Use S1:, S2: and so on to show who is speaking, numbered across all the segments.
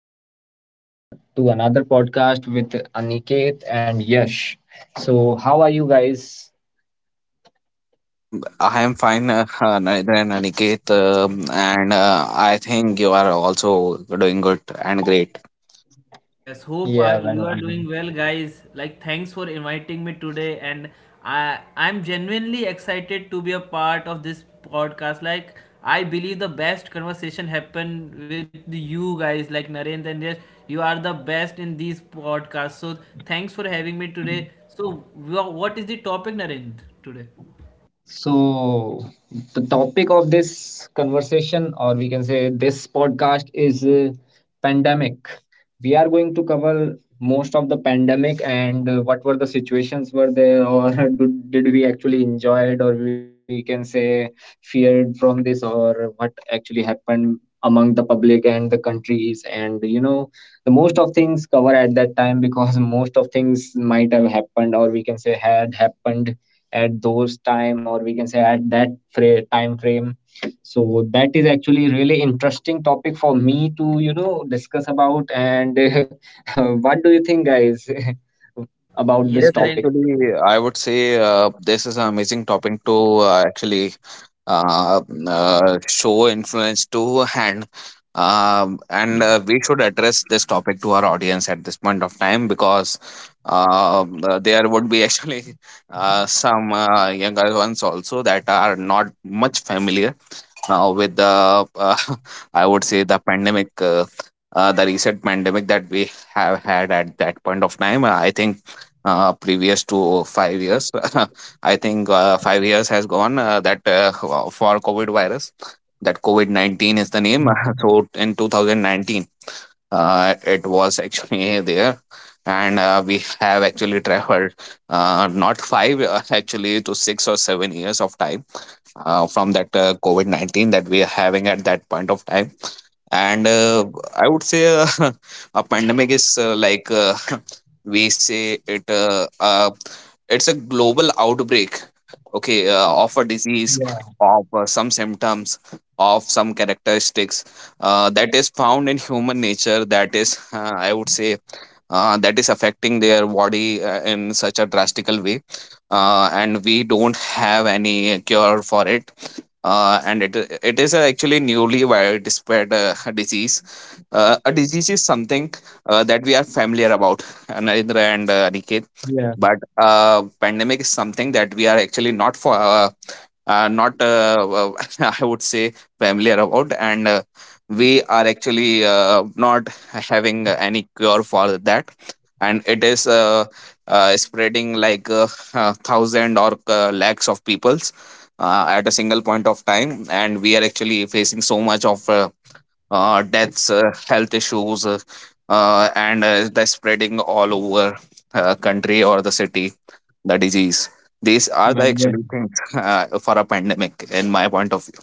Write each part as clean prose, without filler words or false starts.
S1: again with another podcast with Aniket and Yash. So, how are you guys?
S2: I am fine, Narendra and Aniket, and I think you are also doing good and great.
S3: Yes, hope
S1: Yeah,
S3: you
S1: well,
S3: are doing well, guys. Like, thanks for inviting me today, and I'm genuinely excited to be a part of this podcast. Like, I believe the best conversation happen with you guys, like Narendra and Yash. You are the best in these podcasts. So, thanks for having me today. So, what is the topic, Narendra, today?
S1: so, the topic of this conversation, or we can say this podcast, is pandemic. We are going to cover most of the pandemic, and what were the situations were there, or did we actually enjoy it, or we can say feared from this, or what actually happened among the public and the countries, and you know, the most of things cover at that time, because most of things might have happened, or we can say had happened at those time, or we can say at that time frame. So that is actually really interesting topic for me to, you know, discuss about, and what do you think, guys, about this
S3: Yes,
S2: Yes,
S1: topic?
S3: Narendra.
S2: actually, I would say this is an amazing topic to actually uh, show influence to hand. And we should address this topic to our audience at this point of time because there would be actually some younger ones also that are not much familiar now with the I would say the pandemic, the recent pandemic that we have had at that point of time. I think previous to 5 years. I think 5 years has gone that for COVID virus, that COVID 19 is the name. So in 2019, it was actually there. And we have actually traveled not five, actually to 6 or 7 years of time from that COVID 19 that we are having at that point of time. And I would say a pandemic is like we say it, it's a global outbreak, okay, of a disease,
S1: Yeah,
S2: of some symptoms, of some characteristics that is found in human nature, that is, I would say that is affecting their body in such a drastical way, and we don't have any cure for it, and it is actually newly widespread disease. A disease is something that we are familiar about, Narendra and Aniket,
S1: yeah,
S2: but pandemic is something that we are actually not for not I would say familiar about, and we are actually not having any cure for that, and it is spreading like thousand or lakhs of peoples at a single point of time, and we are actually facing so much of deaths, health issues, and are spreading all over country or the city, the disease. These are the
S1: very well.
S2: actually things for a pandemic, in my point of view.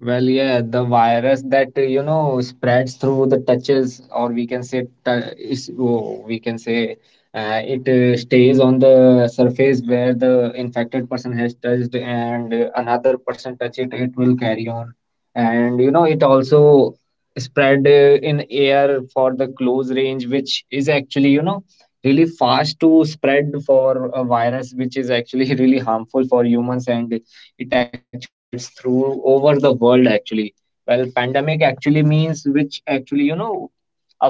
S1: Well, yeah, the virus that, you know, spreads through the touches, or we can say, we can say, it stays on the surface where the infected person has touched, and another person touch it, it will carry on. And you know, it also spread in air for the close range, which is actually, you know, really fast to spread for a virus which is actually really harmful for humans, and it actually spreads through over the world actually. Well, pandemic actually means which actually, you know,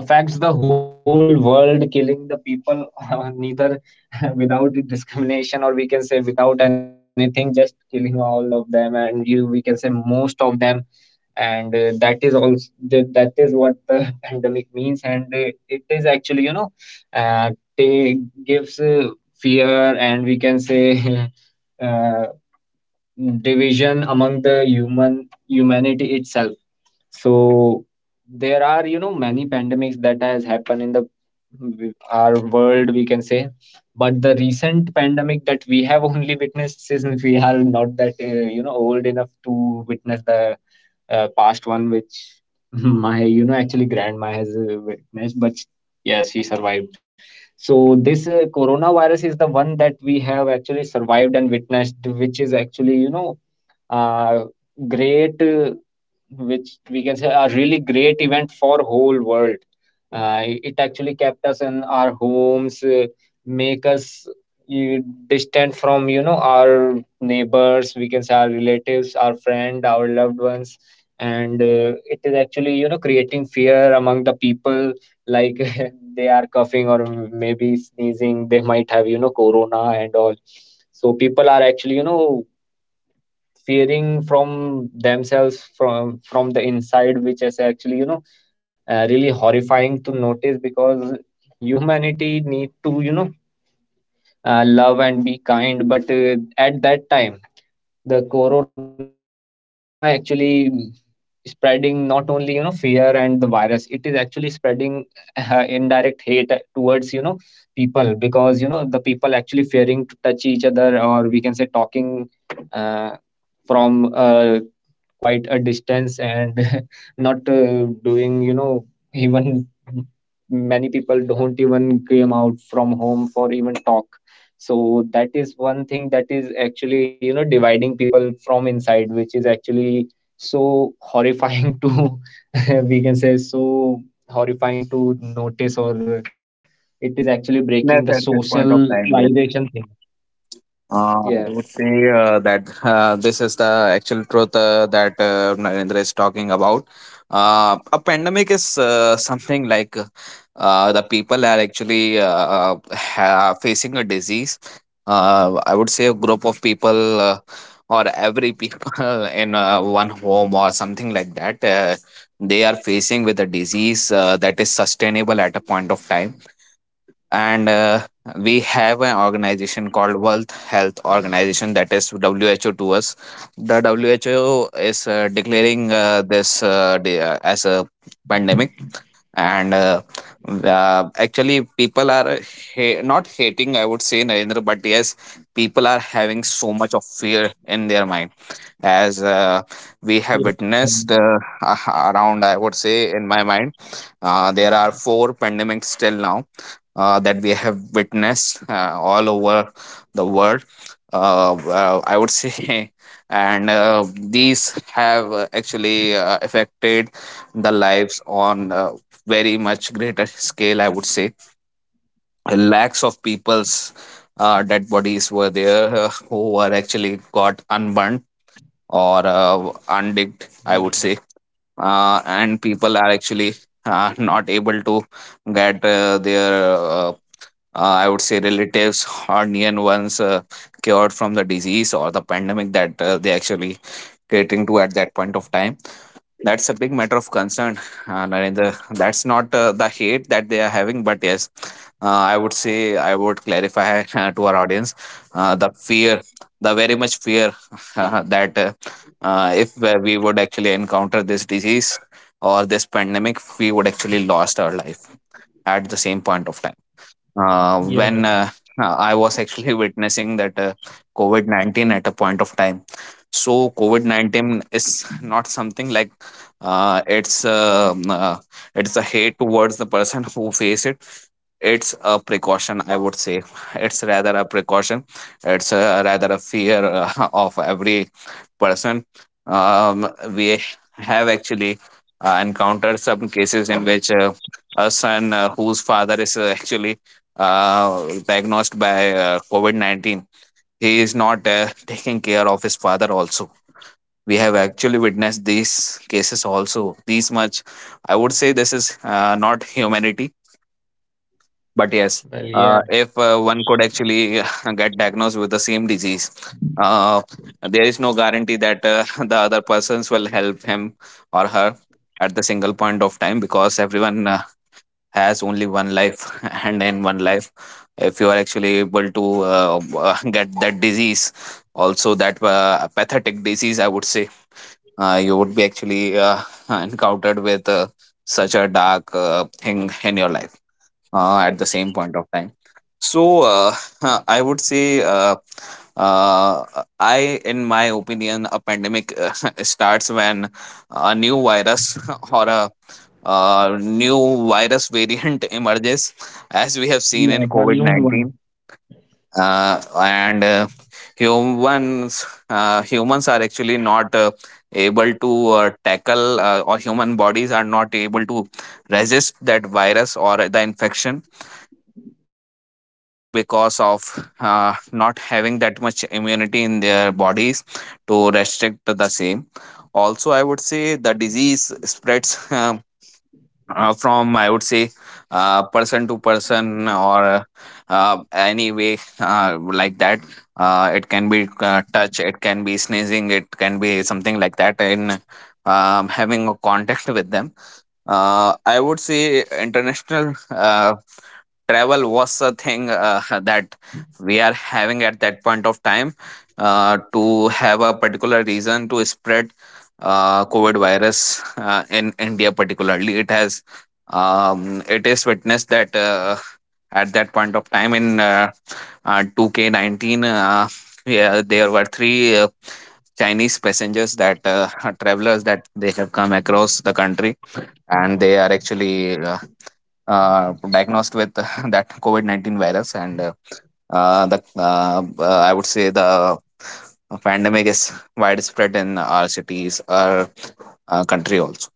S1: affects the whole world, killing the people, neither without discrimination, or we can say without anything, just killing all of them, and you we can say most of them. And that is also that, that is what the pandemic means. And it is actually, you know, uh, they gives fear, and we can say uh, division among the humanity itself. So there are, you know, many pandemics that has happened in the our world, we can say. But the recent pandemic that we have only witnessed, since we are not that you know, old enough to witness the past one, which my, you know, actually grandma has witnessed. But yes, she survived. So this coronavirus is the one that we have actually survived and witnessed, which is actually, you know, uh, great, which we can say a really great event for whole world. It actually kept us in our homes, make us uh, distant from, you know, our neighbors, we can say our relatives, our friend, our loved ones. And it is actually, you know, creating fear among the people, like they are coughing or maybe sneezing, they might have, you know, corona and all. So people are actually, you know, fearing from themselves, from the inside, which is actually, you know, really horrifying to notice, because humanity need to, you know, love and be kind. But at that time, the corona actually spreading not only, you know, fear and the virus, it is actually spreading indirect hate towards, you know, people, because you know, the people actually fearing to touch each other, or we can say talking uh, from quite a distance, and not doing, you know, even many people don't even came out from home for even talk. So that is one thing that is actually, you know, dividing people from inside, which is actually so horrifying to we can say so horrifying to notice, or it is actually breaking the
S2: Witness at this point of time,
S1: socialization
S2: yes.
S1: thing.
S2: Uh,
S1: Yeah
S2: I would say that this is the actual truth that Narendra is talking about. A pandemic is something like the people are actually facing a disease. I would say a group of people, or every people, in one home or something like that. They are facing with a disease that is sustainable at a point of time, and we have an organization called World Health Organization, that is WHO to us. The WHO is declaring this as a pandemic, and actually people are not hating. I would say, Narendra, but yes, people are having so much of fear in their mind, as
S1: Yeah.
S2: we have witnessed around, I would say, in my mind, there are 4 pandemics till now that we have witnessed all over the world, I would say and these have actually affected the lives on very much greater scale, I would say. Lakhs of people's dead bodies were there who were actually got unburned or undigged, I would say. And people are actually not able to get I would say relatives or near ones cured from the disease or the pandemic that they actually catering to at that point of time. That's a big matter of concern, Narendra. That's not the hate that they are having, but yes, I would say, I would clarify to our audience the fear, the very much fear, that if we would actually encounter this disease or this pandemic, we would actually lost our life at the same point of time,
S1: Yeah.
S2: when I was actually witnessing that COVID 19 at a point of time. So, COVID 19 is not something like, uh, it's uh, um uh, it's a hate towards the person who face it. It's a precaution, I would say. It's rather a precaution. It's rather a fear of every person. Um, we have actually encountered some cases in which a son whose father is actually diagnosed by COVID 19, he is not taking care of his father also. We have actually witnessed these cases also. These much, I would say, this is not humanity, but
S1: Well,
S2: yes,
S1: yeah.
S2: if one could actually get diagnosed with the same disease, uh, there is no guarantee that the other persons will help him or her at the single point of time, because everyone has only one life. And in one life, if you are actually able to get that disease, also that pathetic disease, I would say, you would be actually encountered with such a dark thing in your life at the same point of time. So, I would say, uh, I, in my opinion, a pandemic starts when a new virus or a new virus variant emerges, as we have seen in
S1: Yeah. The
S2: COVID
S1: noon
S2: 19.
S1: one.
S2: And humans, humans are actually not able to tackle, or human bodies are not able to resist that virus or the infection at a point of time, because of not having that much immunity in their bodies to restrict the same. Also, I would say the disease spreads from I would say person to person, or any way like that. It can be touch, it can be sneezing, it can be something like that, in having a contact with them. I would say international travel was a thing that we are having at that point of time to have a particular reason to spread covid virus in india particularly. It has um, it is witnessed that at that point of time in 2k19, yeah, there were three Chinese passengers that, travelers, that they have come across the country, and they are actually diagnosed with that COVID 19 virus. And I would say the pandemic is widespread in our cities, our country also.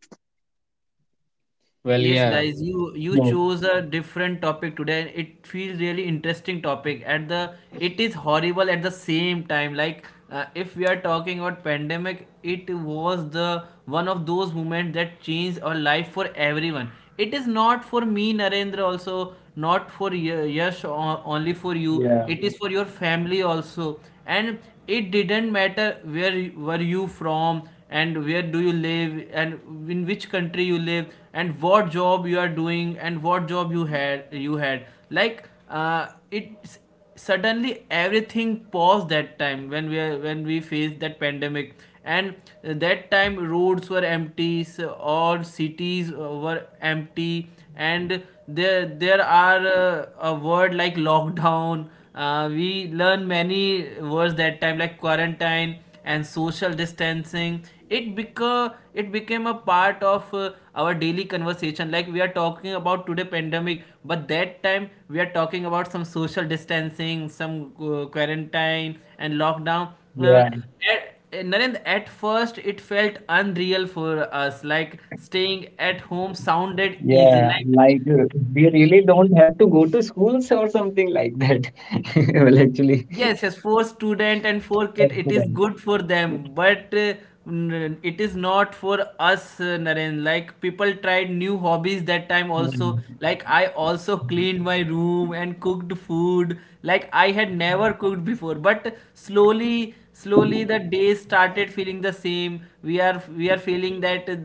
S1: Well,
S3: Yes,
S1: yeah.
S3: guys, you
S1: No.
S3: chose a different topic today. It feels really interesting topic. At the It is horrible at the same time. Like if we are talking about pandemic, it was the one of those moments that changed our life for everyone. It is not for me, Narendra, also not for Yash
S1: Yeah,
S3: only for you. It is for your family also, and it didn't matter where were you from, and where do you live, and in which country you live, and what job you are doing, and what job you had. Like it suddenly everything paused that time when when we faced that pandemic. And that time roads were empty, all cities were empty. And there are a word like lockdown. We learn many words that time, like quarantine and social distancing. It became a part of our daily conversation, like we are talking about today pandemic, but that time we are talking about some social distancing, some quarantine
S1: yeah,
S3: and lockdown. uh, Narendra, at first it felt unreal for us, like staying at home
S1: yeah. Like
S3: sounded easy.
S1: we
S3: Like,
S1: really don't have to go to schools or something like that. Well, actually,
S3: yes, yes, for
S1: for
S3: student and
S1: students.
S3: for kid, it is good for them, but it is not for us, Naren. Like people tried new
S1: Yeah,
S3: hobbies that time also. Like I also cleaned my room and cooked food. Like I had never cooked before, but slowly, slowly the days started feeling the same. We are feeling that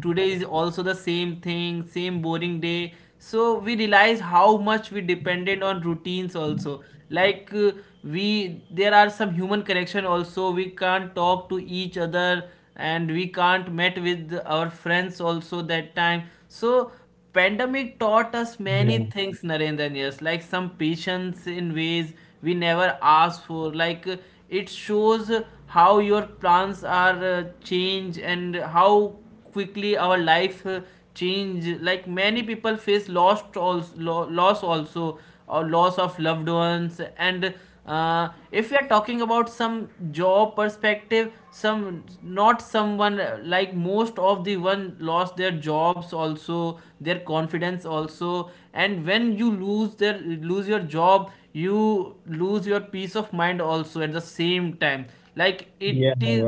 S3: today is also the same thing, same boring day. So we realize how much we depended on routines also. Like we there are some human connection also, we can't talk to each other, and we can't met with our friends also that time. So pandemic taught us
S1: yeah,
S3: many things, Narendra and Yes, like some patience in ways we never asked for, like it shows how your plans are change, and how quickly our life change. Like many people face lost also, loss also, or loss of loved ones. And if we are talking about some job perspective, some not someone like most of the one lost their jobs also, their confidence also. And when you lose, their lose your job, you lose your peace of mind also at the same time, like it
S1: yeah.
S3: is.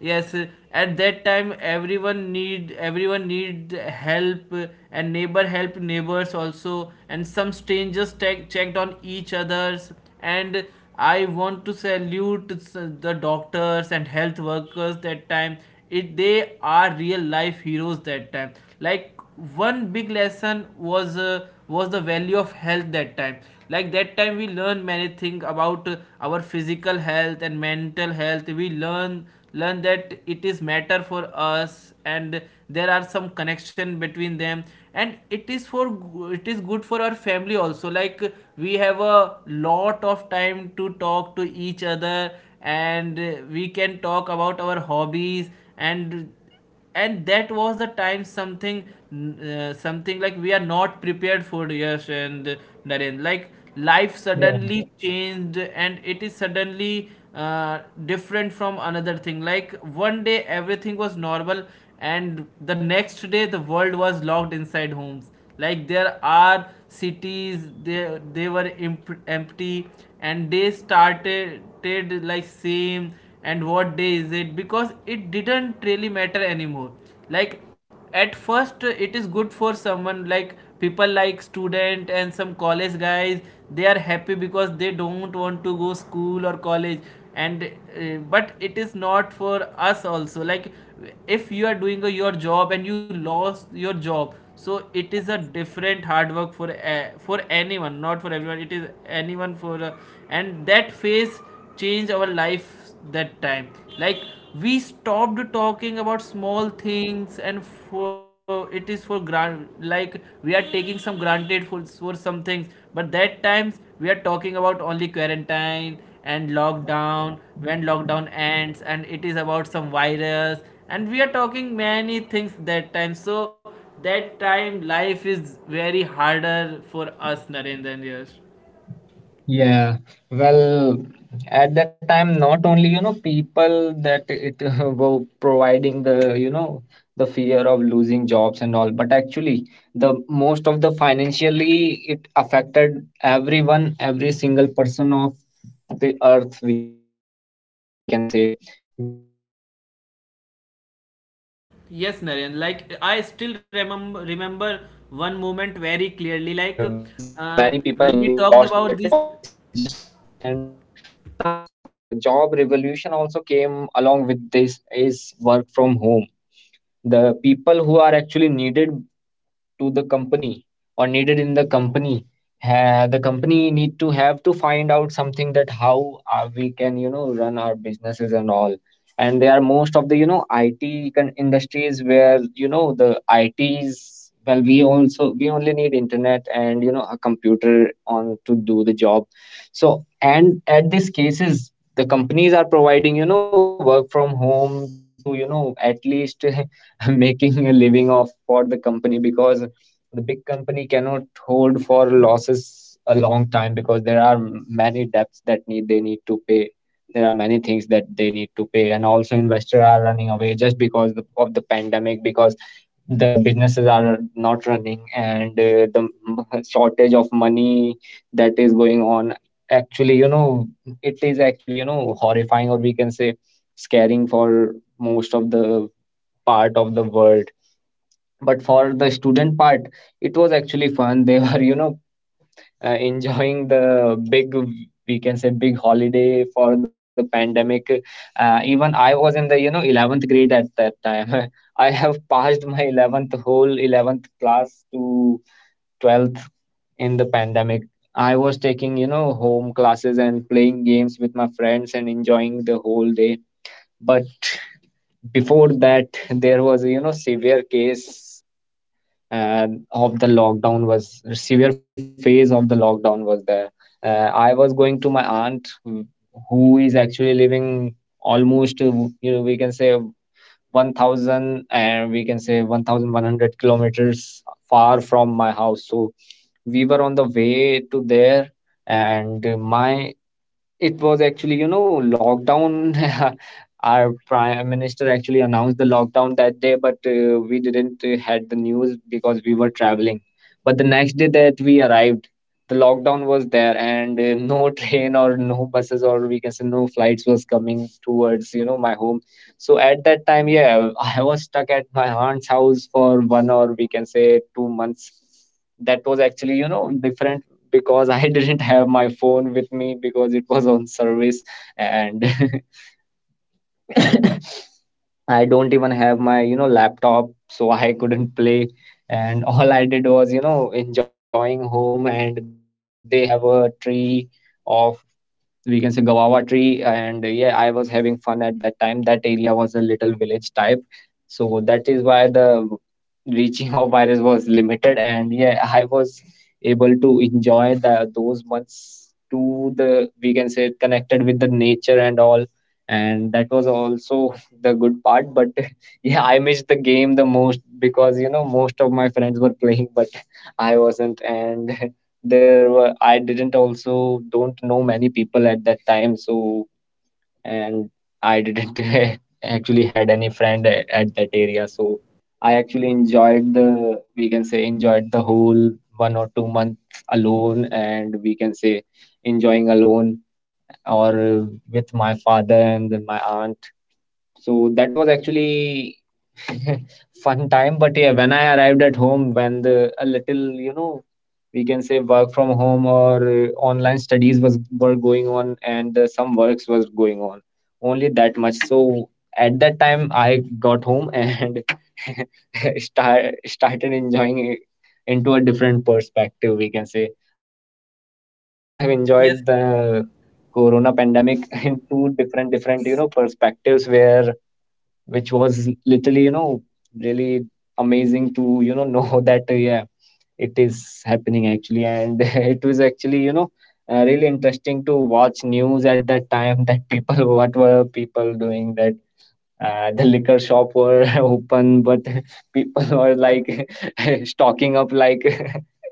S3: Yes, at that time, everyone need help. And neighbor help neighbors also, and some strangers checked on each others. And I want to salute, the doctors and health workers that time. It They are real life heroes that time. Like one big lesson was, the value of health that time. Like that time we learn many things about our physical health and mental health. We learn that it is matter for us, and there are some connection between them. And it is good for our family also. Like we have a lot of time to talk to each other, and we can talk about our hobbies, and and that was the time something, something like we are not prepared for, yes and Naren. Like life
S1: Wow.
S3: suddenly changed, and it is suddenly different from another thing. Like one day everything was normal, and the next day the world was locked inside homes. Like there are cities, they were empty, and they started, like same, and what day is it, because it didn't really matter anymore. Like at first it is good for someone, like people like student and some college guys. They are happy because they don't want to go school or college. And but it is not for us also, like if you are doing your job and you lost your job, so it is a different hard work for anyone, not for everyone, it is anyone for and that phase change our life that time. Like we stopped talking about small things, and for, it is for grant, like we are taking some granted for some things. But that times we are talking about only quarantine and lockdown, when lockdown ends, and it is about some virus, and we are talking many things that time. So that time life is very harder for us, Narendra and Yash.
S1: Yeah, well, at that time, not only, you know, people that it were providing the, you know, the fear of losing jobs and all, but actually, the most of the financially it affected everyone, every single person of the earth, we can say, because the greatest downfall of the, you know, industries that was
S3: Yes,
S1: on
S3: Naren.
S1: the
S3: Like
S1: at
S3: I
S1: that
S3: still
S1: time.
S3: remember
S1: And
S3: one
S1: we can
S3: moment
S1: say the
S3: very
S1: many
S3: clearly.
S1: people
S3: Like
S1: lo lost their jobs, as you
S3: when
S1: have
S3: we
S1: just
S3: talked about this.
S1: mentioned. But one of one also is the job revolution also came along with this is work from home. The people who are actually needed to the company or needed in the company, the company need to have to find out something that how we can, you know, run our businesses and all. And there are most of the, you know, industries where, you know, the its well, we also, we only need internet and, you know, a computer on to do the job. So, and at these cases, the companies are providing, you know, work from home to, you know, at least making a living off for the company, because the big company cannot hold for losses a long time, because there are many debts that need they need to pay, there are many things that they need to pay. And also investors are running away, just because the, of the pandemic, because the businesses are not running. And the shortage of money that is going on, actually, you know, it is actually, you know, horrifying, or we can say scaring for most of the part of the world. But for the student part, it was actually fun, they were, you know, enjoying the big, we can say big holiday for the pandemic. Uh, even I was in the, you know, 11th grade at that time. I have passed my 11th, whole 11th class to 12th in the pandemic. I was taking, you know, home classes and playing games with my friends and enjoying the whole day. But before that, there was a, you know, severe case uh, of the lockdown was severe phase of the lockdown was there. Uh, I was going to my aunt who is actually living almost, you know, we can say 1000, and we can say 1100 kilometers far from my house. So we were on the way to there. And my it was actually, you know, lockdown. Our prime minister actually announced the lockdown that day, but we didn't had the news because we were traveling. But the next day that we arrived, the lockdown was there, and no train or no buses, or we can say no flights was coming towards, you know, my home. So at that time, yeah, I was stuck at my aunt's house for one, or we can say 2 months. That was actually, you know, different because I didn't have my phone with me because it was on service. And I don't even have my, you know, laptop, so I couldn't play. And all I did was, you know, enjoying home, and they have a tree of, we can say guava tree. And yeah, I was having fun at that time. That area was a little village type, so that is why the reaching of virus was limited. And yeah, I was able to enjoy the those months to the, we can say connected with the nature and all. And that was also the good part. But yeah, I missed the game the most, because you know, most of my friends were playing, but I wasn't. And there were, I didn't also don't know many people at that time. So, and I didn't actually had any friend at that area. So I actually enjoyed the, we can say enjoyed the whole 1 or 2 months alone, and we can say enjoying alone, or with my father and then my aunt. So that was actually fun time. But yeah, when I arrived at home, when the a little, you know, we can say work from home, or online studies was were going on, and some works was going on, only that much. So at that time, I got home, and started enjoying it into a different perspective, we can say. I have enjoyed the
S3: Yes,
S1: corona pandemic in two different, you know, perspectives, where which was literally, you know, really amazing to, you know that yeah, it is happening actually. And it was actually, you know, really interesting to watch news at that time, that people what were people doing, that the liquor shop were open, but people were like stocking up like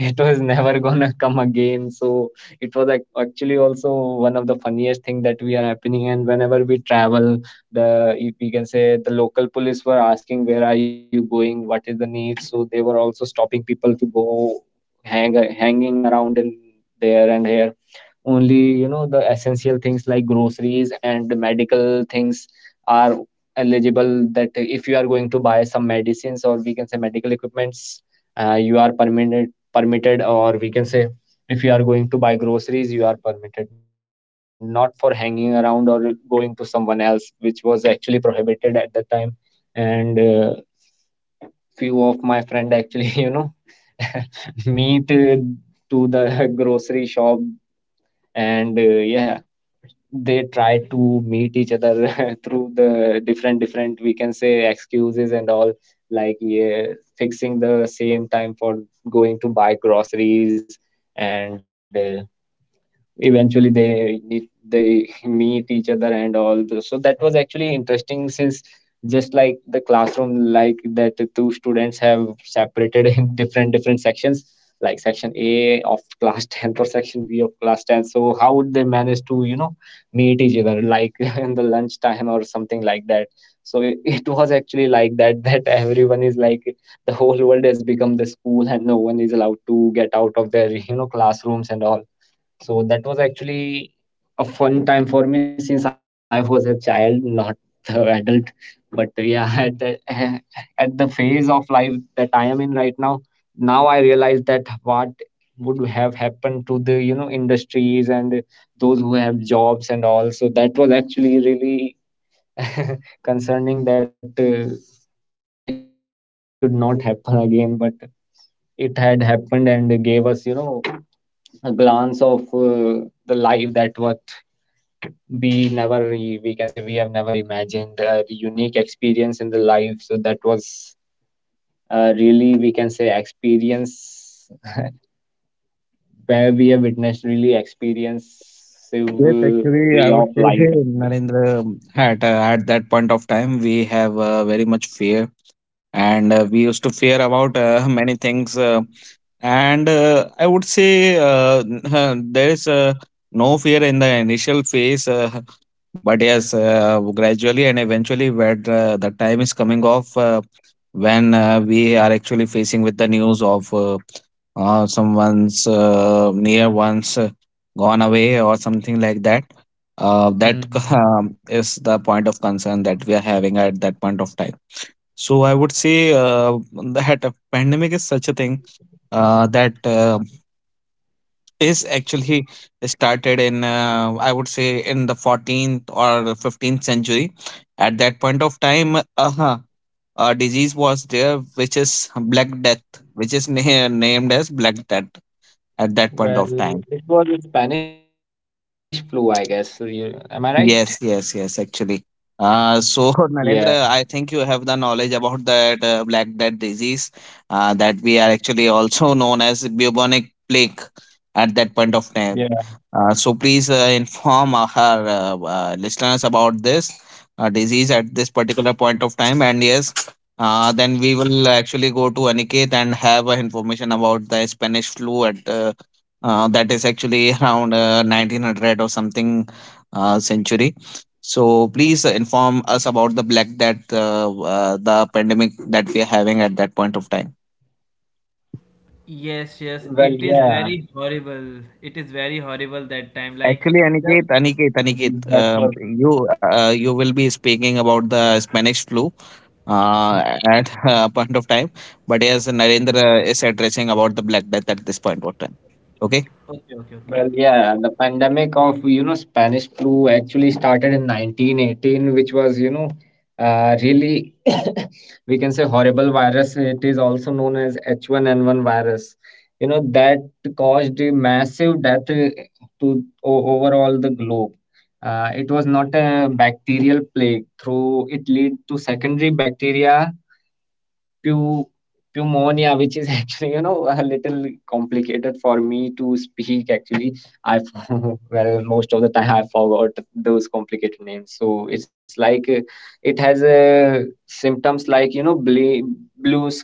S1: it was never gonna come again. So it was actually also one of the funniest thing that we are happening. And whenever we travel, the we can say the local police were asking where are you going, what is the need. So they were also stopping people to go hanging around in there and here only, the essential things like groceries and the medical things are eligible. That if you are going to buy some medicines, or we can say medical equipments, you are permitted, or we can say if you are going to buy groceries you are permitted, not for hanging around or going to someone else, which was actually prohibited at that time. And few of my friend actually meet to the grocery shop, and yeah, they try to meet each other through the different, we can say, excuses and all, like, yeah, fixing the same time for going to buy groceries. And eventually they need they meet each other and all those. So that was actually interesting, since just like the classroom, like that the two students have separated in different sections, like section a of class 10 or section b of class 10. So how would they manage to, meet each other, like, in the lunch time or something like that. So it was actually like that, that everyone is like the whole world has become the school and no one is allowed to get out of their, classrooms and all. So that was actually a fun time for me, since I was a child, not the adult. But yeah, at at the phase of life that I am in right now, now I realize that what would have happened to the, industries and those who have jobs and all. So that was actually really concerning, that pandemic should not happen again, but it had happened and gave us, a glance of the life, that what we never re- we can say, we have never imagined, the unique experience in the life. So that was really, we can say, experience where we have witnessed really experience
S2: Yes, actually,
S1: way
S2: I would
S1: of
S2: say,
S1: life,
S2: hey,
S1: actually.
S2: Narendra, had at that point of time we have very much fear, and we used to fear about many things. And I would say there is no fear in the initial phase, but yes, gradually and eventually, when the time is coming off, when we are actually facing with the news of someone's near ones gone away or something like that, that
S1: Mm.
S2: is the point of concern that we are having at that point of time. So I would say uh, that a pandemic is such a thing that is actually started in, I would say, in the 14th or 15th century. At that point of time uh, a disease was there which is black death, which is named as black death at that point of
S1: Well,
S2: time.
S1: it was a Spanish flu, I guess. So you- Am I right?
S2: Yes, yes, yes, actually. So,
S1: Yeah,
S2: Narendra, I think you have the knowledge about that black death disease that we are actually also known as bubonic plague at that point of time.
S1: yeah.
S2: So, please inform our listeners about this disease at this particular point of time. And yes, then we will actually go to Aniket and have information about the Spanish flu at, that is actually around 1900 or something century. So please inform us about the black that, the pandemic that we are having at that point of time.
S3: yes, yes.
S1: Well,
S3: It is
S1: yeah.
S3: very horrible. It is very horrible that time. Like
S2: Actually,
S3: the.
S2: Aniket, Aniket,
S1: That was—
S2: you you will be speaking about the Spanish flu at a point of time, but yes, Narendra is addressing about the black death at this point of time. Okay.
S3: Okay, okay, okay.
S1: Well, yeah, the pandemic of, Spanish flu actually started in 1918, which was, really, we can say, horrible virus. It is also known as H1N1 virus. You know that caused a massive death to over all the globe. It was not a bacterial plague. Through it lead to secondary bacteria, Pu pneumonia, which is actually, a little complicated for me to speak, actually. Well, most of the time I forgot those complicated names. So it's like, it has symptoms like, blue s-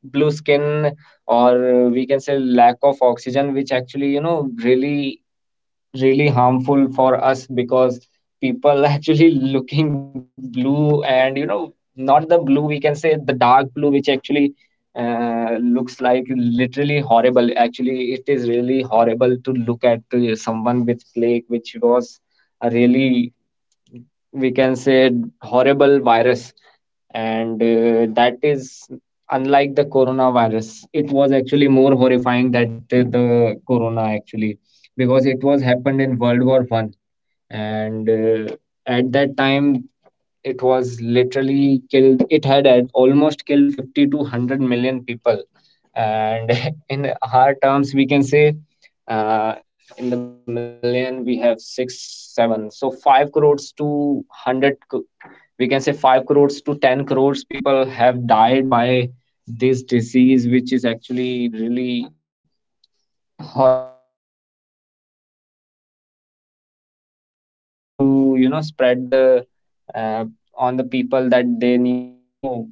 S1: blue skin, or we can say lack of oxygen, which actually, really really harmful for us, because people actually looking blue, and, not the blue, we can say the dark blue, which actually looks like literally horrible. Actually it is really horrible to look at someone with plague, which was a really, we can say, horrible virus. And that is, unlike the coronavirus, it was actually more horrifying that the corona actually, because it was happened in World War One. And at that time it was literally killed. It had at almost killed 50 to 100 million people, and in hard terms we can say, uh, in the million we have six seven. So 5 crores to we can say, 5 crores to 10 crores people have died by this disease, which is actually really horrifying, because the spread and the technology was not there to, spread the uh, on the people, that they need to,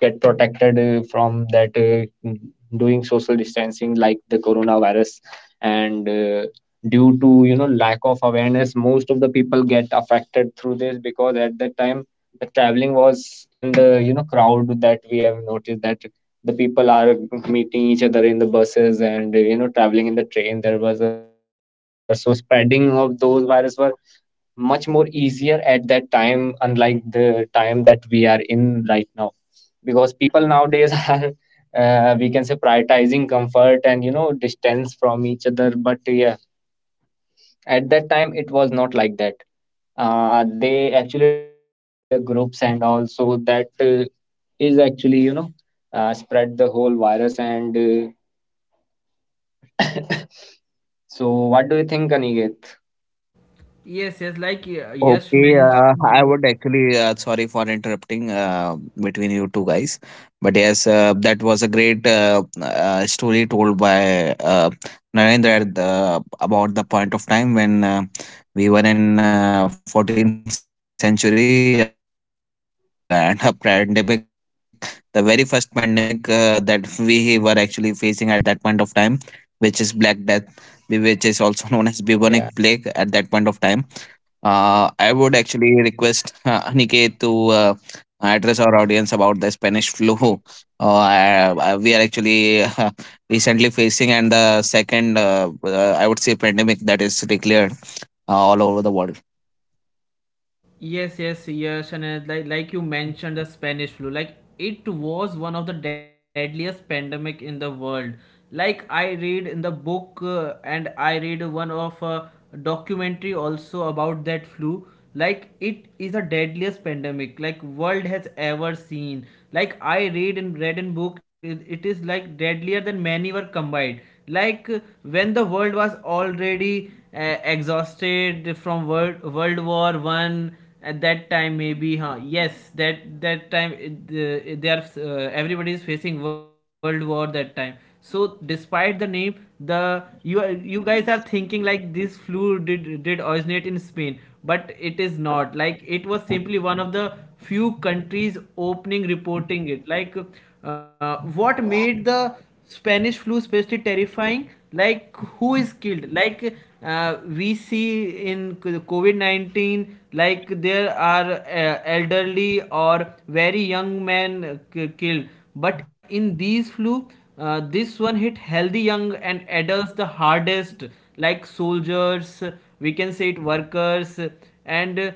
S1: get protected from that, doing social distancing like the coronavirus. And due to, lack of awareness, most of the people get affected through this, because at that time the traveling was in the, crowd, that we have noticed that the people are meeting each other in the buses and, traveling in the train, there was a much crowd there, so spreading of those virus were much more easier at that time, unlike the time that we are in right now, because people nowadays are we can say, prioritizing comfort and, distance from each other. But yeah, at that time, it was not like that. They actually travel in the groups, and also that is actually, spread the whole virus. And so, what do you think, Aniket?
S3: Yes, yes.
S2: O-
S3: Like Yash
S2: Okay, I
S3: mentioned.
S2: would actually, sorry for interrupting between you two guys, but yes, that was a great story told by Narendra at about the point of time when we were in 14th century and a pandemic, the very first pandemic that we were actually facing at that point of time, which is Black Death, which is also known as bubonic plague at that point of time.
S1: Yeah,
S2: I would actually request Aniket to uh, address our audience about the Spanish flu. We are actually recently facing, and the second, I would say, pandemic that is declared all over the world.
S3: Yes, yes, yes, and like you mentioned the Spanish flu, like it was one of the deadliest pandemic in the world. Like I read in the book, and I read one of documentary also about that flu. Like it is the deadliest pandemic, like world has ever seen. Like I read in book, it is like deadlier than many were combined. Like when the world was already exhausted from world war one at that time, maybe, yes, that time it, the they are everybody is facing world war that time. So despite the name, the you guys are thinking like this flu did originate in Spain. But it is not, like it was simply one of the few countries opening reporting it, like what made the Spanish flu especially terrifying. Like who is killed? Like we see in COVID 19, like there are elderly or very young men, killed. But in these flu, this one hit healthy young and adults the hardest, like soldiers. We can say it workers, and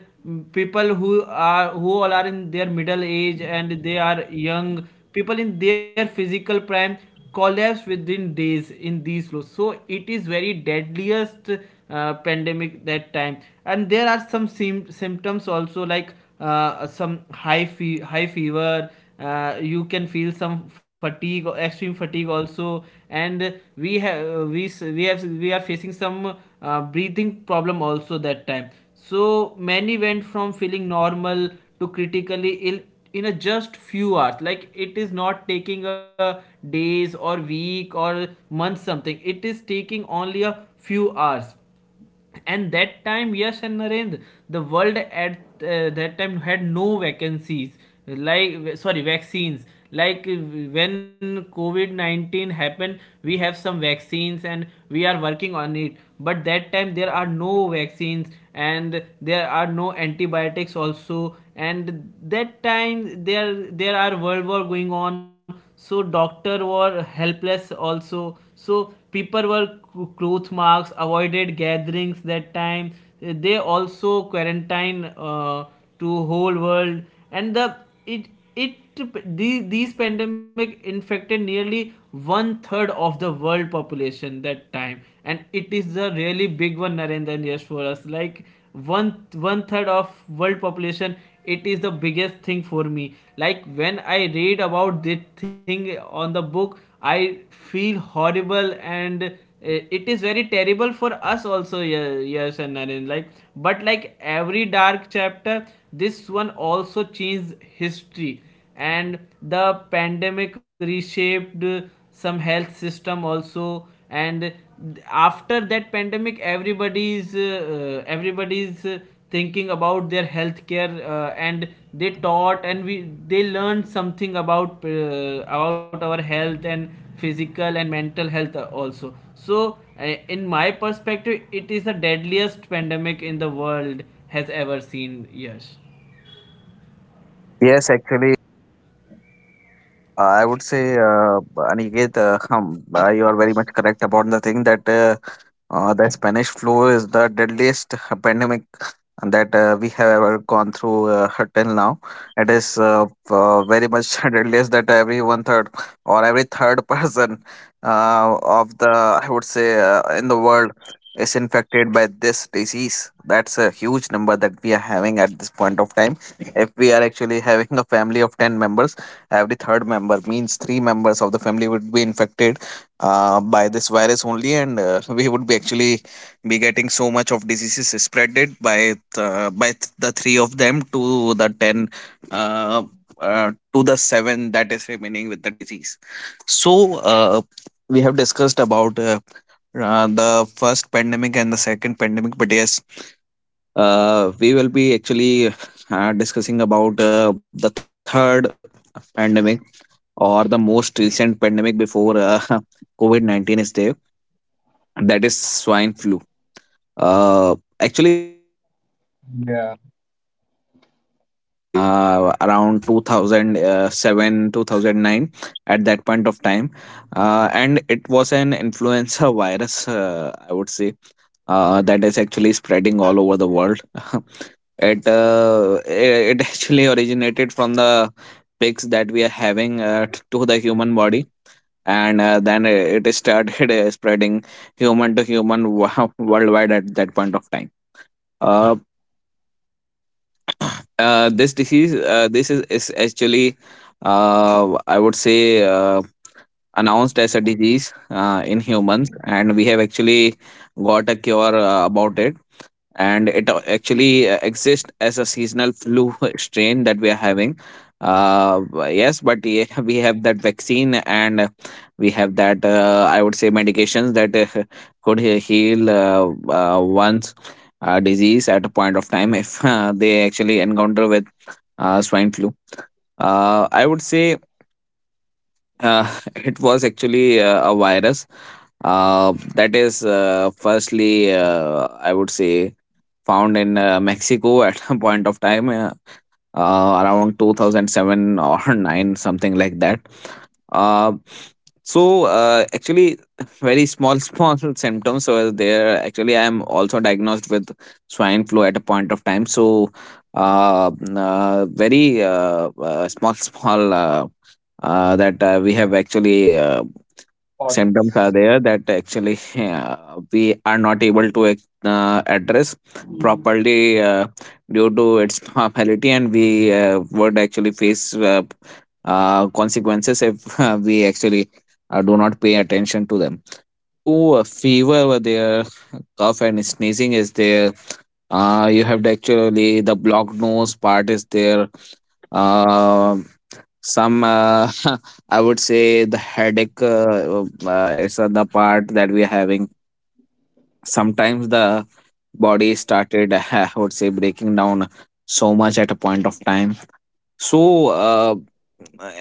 S3: people who all are in their middle age, and they are young people in their physical prime collapse within days in these lows. So it is very deadliest pandemic that time. And there are some symptoms also, like some high fever, you can feel some fatigue, extreme fatigue also. And we are facing some breathing problem also that time. So many went from feeling normal to critically ill in a just few hours, like it is not taking a days or week or month something, it is taking only a few hours. And that time, yes and Narendra, the world at that time had no vacancies, like, sorry, vaccines. Like when COVID-19 happened, we have some vaccines and we are working on it, but that time there are no vaccines, and there are no antibiotics also. And that time, there are world war going on, so doctor were helpless also. So people were cloth marks, avoided gatherings that time. They also quarantined to whole world, and it it these pandemic infected nearly one third of the world population that time. And it is a really big one, Narendran, yes, for us, like one third of world population. It is the biggest thing for me, like when I read about this thing on the book, I feel horrible. And it is very terrible for us also, yes and Naren. Like, but like every dark chapter, this one also changed history. And the pandemic reshaped some health system also. And after that pandemic, everybody's everybody's thinking about their healthcare, and they taught, and we they learned something about, about our health, and physical and mental health also. So uh, in my perspective, it is the deadliest pandemic in the world has ever seen. Yes.
S2: Yes, actually, I would say, Aniket, you are very much correct about the thing that. The Spanish flu is the deadliest pandemic that we have ever gone through till now. It is very much deadliest that every one third or every third person of the, I would say, in the world is infected by this disease. That's a huge number that we are having at this point of time. If we are actually having a family of 10 members, every third member means three members of the family would be infected by this virus only, and we would be actually be getting so much of diseases spreaded by the three of them to the 10, uh, to the 7 that is remaining with the disease. So we have discussed about the first pandemic and the second pandemic, but yes, we will be actually discussing about the third pandemic or the most recent pandemic before covid-19 is there, that is swine flu. Actually,
S1: yeah.
S2: swine flu is the disease that is spreaded around 2007, 2009 at that point of time. And it was an influenza virus, I would say, that is actually spreading all over the world. It it actually originated from the pigs that we are having to the human body, and then it is started spreading human to human worldwide at that point of time. uh, this disease, is actually I would say uh, announced as a disease in humans, and we have actually got a cure about it, and it actually exists as a seasonal flu strain that we are having. Yes, but yeah, we have that vaccine, and we have that I would say medications that could heal one's disease at a point of time if they actually encounter with swine flu. I would say it was actually a virus that is, firstly, I would say found in Mexico at a point of time, around 2007 or 9, something like that. Uh, so uh, actually, very small symptoms were there. Actually, I am also diagnosed with swine flu at a point of time, so very small small that we have actually
S1: What?
S2: symptoms are there that actually we are not able to address properly due to its normality, and we would actually face consequences if we actually do not pay attention to them. So fever were there, cough and sneezing is there, you have the actually the blocked nose part is there. Um some I would say the headache is the part that we are having. Sometimes the body started, I would say, breaking down so much at a point of time. So,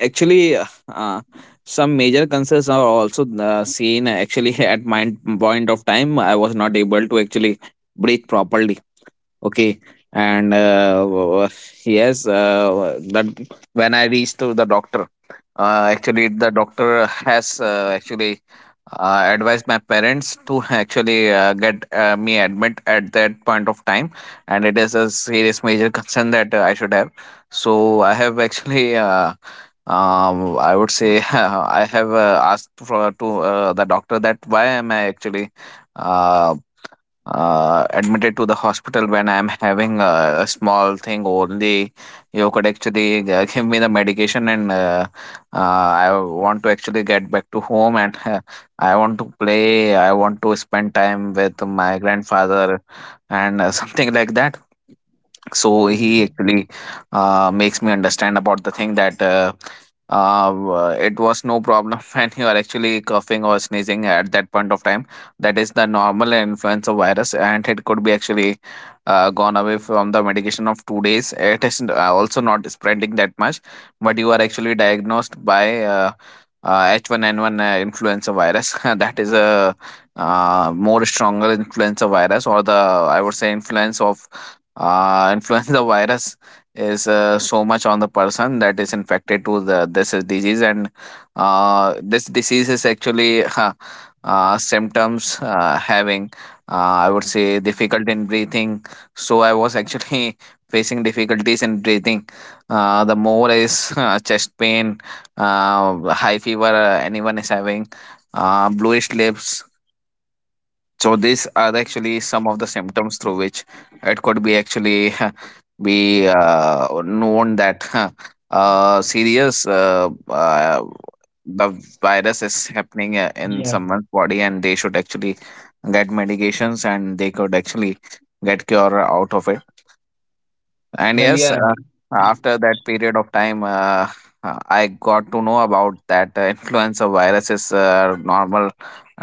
S2: actually, uh, some major concerns are also seen. Actually, at my point of time, I was not able to actually breathe properly. Okay. And yes, that when I reached to the doctor, actually the doctor has actually advised my parents to actually get me admit at that point of time, and it is a serious major concern that I should have. So I have actually, I would say I have asked for to the doctor that why am I actually uh, admitted to the hospital when I'm having a small thing only. You could actually give me the medication, and I want to actually get back to home, and I want to play. I want to spend time with my grandfather, and something like that. So he
S1: Yeah.
S2: actually makes me understand about the thing that it was no problem when you are actually coughing or sneezing at that point of time. That is the normal influenza virus, and it could be actually gone away from the medication of 2 days. It is also not spreading that much, but you are actually diagnosed by H1N1 influenza virus. That is a more stronger influenza virus, or the I would say influence of influenza virus is so much on the person that is infected to the this is disease. And this disease is actually symptoms having I would say difficult in breathing. So I was actually facing difficulties in breathing, the more is chest pain, high fever anyone is having, bluish lips. So these are actually some of the symptoms through which it could be actually be known that serious the virus is happening in someone's body, and they should actually get medications, and they could actually get cure out of it. And
S1: Well,
S2: yes,
S1: yeah.
S2: after that period of time, I got to know about that influenza virus is a normal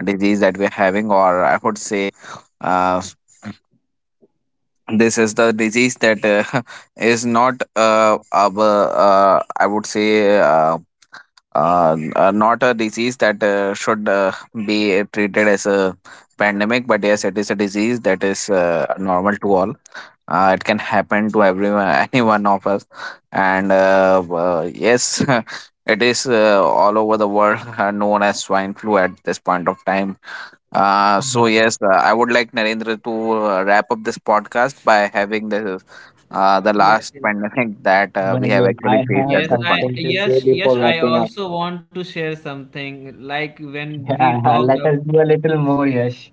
S2: disease that we're having, or I would say, uh, this is the disease that is not of, I would say. Not a disease that should be treated as a pandemic, but yes, it is a disease that is normal to all. It can happen to everyone, any one of us. And yes, it is all over the world known as swine flu at this point of time. uh, so
S1: Yeah.
S2: yes uh, I would like Narendra to wrap up this podcast by having the
S3: Yes,
S2: last
S3: yes.
S2: pandemic that we have
S1: Well,
S2: actually
S1: I
S2: faced
S1: have
S2: at
S3: Yes,
S2: this point.
S3: I
S1: something to say
S3: yes,
S1: before
S3: yes, I
S1: wrapping up.
S3: also want to share something. Like when we
S1: Yeah,
S3: talked
S1: let
S3: about
S1: us do a little more, Yash.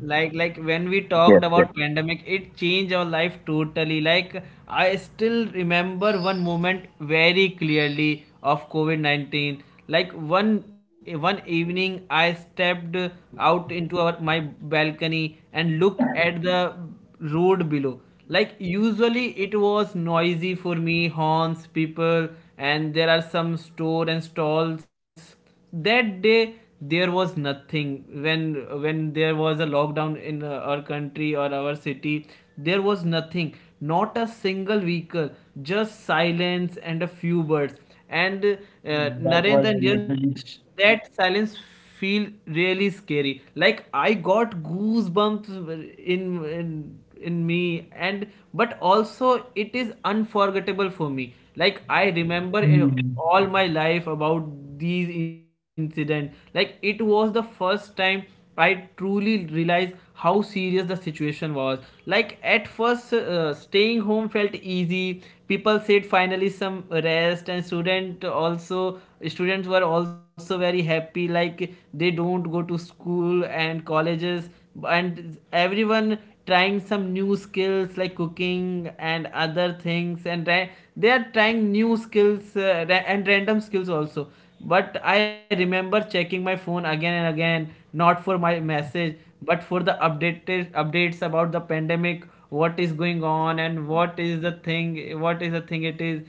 S3: like like when we
S2: Yes.
S3: talked about pandemic, it changed our life totally. Like I still remember one moment very clearly of COVID-19. Like one evening I stepped out into our my balcony and looked at the road below, like usually it was noisy for me, horns, people, and there are some store and stalls. That day there was nothing. When there was a lockdown in our country or our city, there was nothing, not a single vehicle, just silence and a few birds. And
S1: That was
S3: Narendra, just
S1: literally—
S3: that silence feel really scary, like I got goosebumps in in in me. And but also it is unforgettable for me, like I remember
S1: Hmm.
S3: all my life about these incident. Like it was the first time I truly realized how serious the situation was. Like at first staying home felt easy, people said finally some rest. And students were also very happy, like they don't go to school and colleges, and everyone trying some new skills, like cooking and other things. And they are trying new skills, and random skills also. But I remember checking my phone again and again, not for my message but for the updated updates about the pandemic, what is going on and what is the thing it is.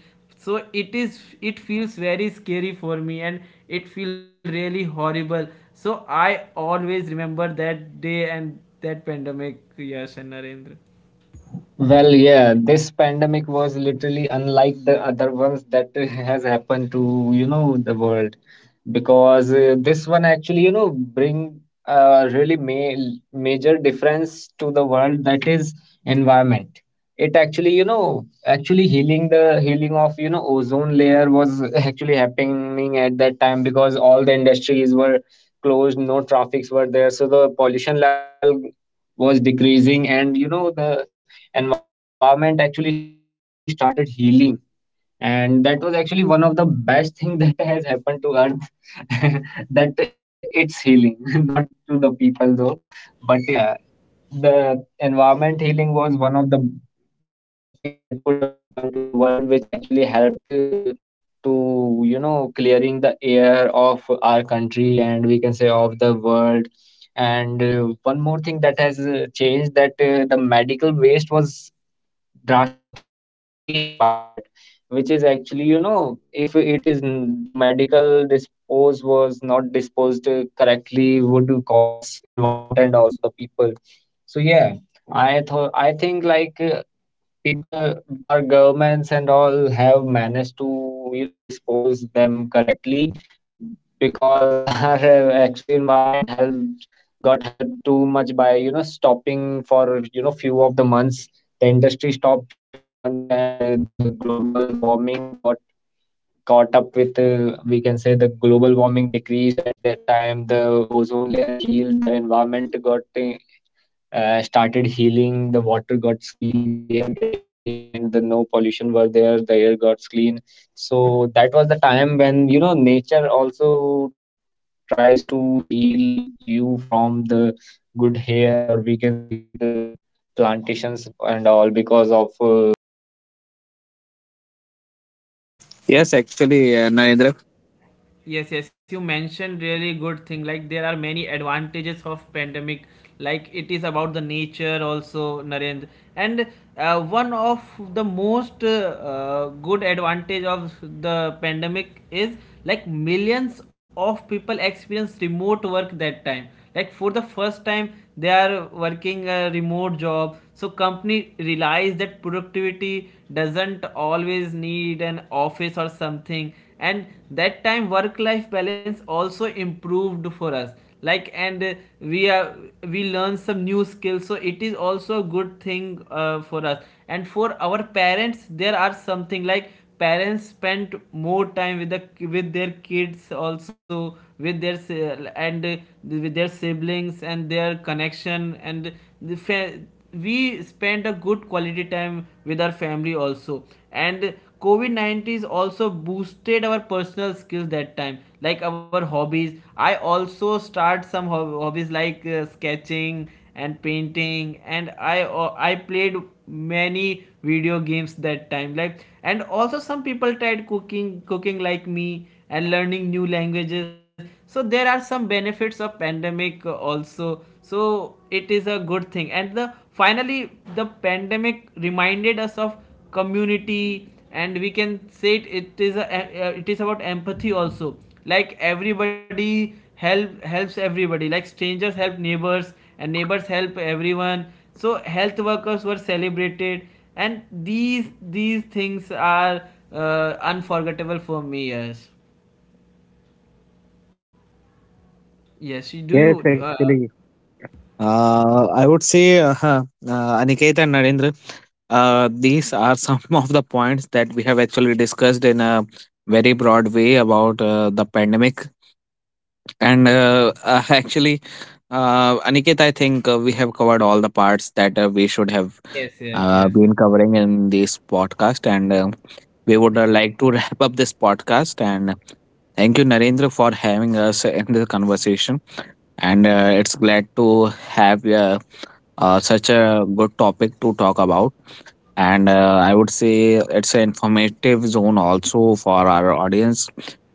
S3: So it feels very scary for me, and it feels really horrible. So I always remember that day and that pandemic, Yash and Narendra.
S1: Well, yeah, this pandemic was literally unlike the other ones that has happened to, the world, because this one actually, bring a really major difference to the world, that is environment. It actually, healing of, ozone layer was actually happening at that time, because all the industries were closed, no traffics were there, so the pollution level was decreasing, and, the environment actually started healing. And that was actually one of the best thing that has happened to earth, that it's healing, not to the people though, but yeah, the environment healing was one of the best thing that could have happened to the world, which actually helped to, clearing the air of our country and, we can say, of the world. And one more thing that has changed, that the medical waste was drastically increased by that, which is actually, if it is the medical dispose was not disposed correctly, would cause environment and also the people. So yeah, I think like, people, our governments and all have managed to, dispose them correctly, because our actually environment health got helped too much by, stopping for, few of the months the industry stopped few months. And the global warming got caught up with, we can say, the global warming decreased at that time. The ozone layer healed, the environment got started healing, the water got clean, the air getting clean, and the no pollution were there, the air got clean. So that was the time when, nature also tries to heal you from the good hair, or we can say good plantations and all, because of less human invasion in the,
S2: Yes,
S1: we can say,
S2: actually. Uh,
S1: forest.
S2: Narendra.
S1: So that is
S3: Yes, yes, you
S1: also one of the
S3: mentioned
S1: thing that
S3: really
S1: I
S3: good thing.
S1: only
S3: Like there are
S1: wanted to
S3: many
S1: say. That's
S3: advantages
S1: it from
S3: of
S1: my
S3: pandemic,
S1: end.
S3: like it is
S1: And
S3: about the
S1: wrapping up
S3: nature
S1: this
S3: also,
S1: podcast
S3: Narendra.
S1: by,
S3: And one
S1: well, by
S3: of the
S1: saying bye bye
S3: most
S1: to our audience.
S3: good advantage
S1: and
S3: of
S1: uh,
S3: the
S1: we'd like
S3: pandemic is like
S1: to,
S3: millions of people
S1: do more
S3: experience remote
S1: podcast
S3: work
S1: in
S3: that time.
S1: many
S3: Like for the
S1: topics
S3: first
S1: with
S3: time they
S1: aniket
S3: are
S1: and yash,
S3: working a
S1: and
S3: remote job,
S1: we
S3: so
S1: literally,
S3: company
S1: enjoyed
S3: realize
S1: talking
S3: that
S1: about the
S3: productivity
S1: pandemic and
S3: doesn't
S1: our
S3: always
S1: experiences
S3: need an
S1: through this
S3: office or
S1: podcast,
S3: something.
S1: and
S3: And
S1: able to
S3: that
S1: share to
S3: time
S1: our
S3: work life
S1: audience, which
S3: balance
S1: is
S3: also
S1: actually one of
S3: improved
S1: the,
S3: for us,
S1: we can
S3: like,
S1: say,
S3: and
S1: lovable
S3: we
S1: thing
S3: are
S1: that we
S3: we learn
S1: does.
S3: some new skills, so
S1: So bye
S3: it is
S1: bye
S3: also a
S1: aniket, bye
S3: good
S1: bye yash.
S3: thing for us and for our parents. There are something like parents spent more time with their kids also, and with their siblings and their connection, the fa- we spent a good quality time with our family also. And COVID-19 also boosted our personal skills that time, like our hobbies. I also start some hobbies like sketching and painting. And I played many video games that time. Like and also some people tried cooking like me, and learning new languages. So there are some benefits of pandemic also, so it is a good thing. And the finally the pandemic reminded us of community, and we can say it is about empathy also. Like everybody helps everybody, like strangers help neighbors, and neighbors help everyone. So health workers were celebrated, and these things are unforgettable for me. Yes. Yes, do
S2: Yes,
S3: you
S2: actually. I would say, Aniket and Narendra, these are some of the points that we have actually discussed in a very broad way about the pandemic. And actually, Aniket, I think we have covered all the parts that we should have
S3: yes, yes, yes, yes.
S2: been covering in this podcast. And we would like to wrap up this podcast. And thank you, Narendra, for having us in the conversation. And it's glad to have such a good topic to talk about. And I would say it's an informative zone also for our audience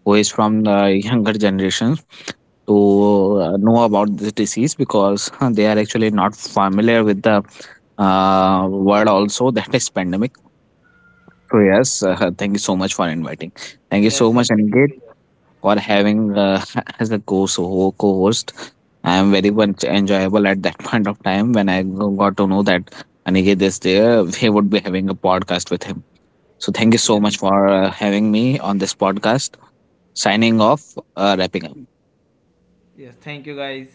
S2: who is from the younger generation to know about this disease, because they are actually not familiar with the word also that is pandemic. So yes, thank you so much for inviting. Thank you
S3: Yes,
S2: so much,
S3: happy to
S2: Aniket,
S3: be here.
S2: for having as a co-host. I am very much enjoyable at that point of time when I got to know that Aniket is there. We would be having a podcast with him. So thank you so much
S3: Yes,
S2: for having me on this podcast. Signing off, wrapping up.
S3: yes, thank you guys.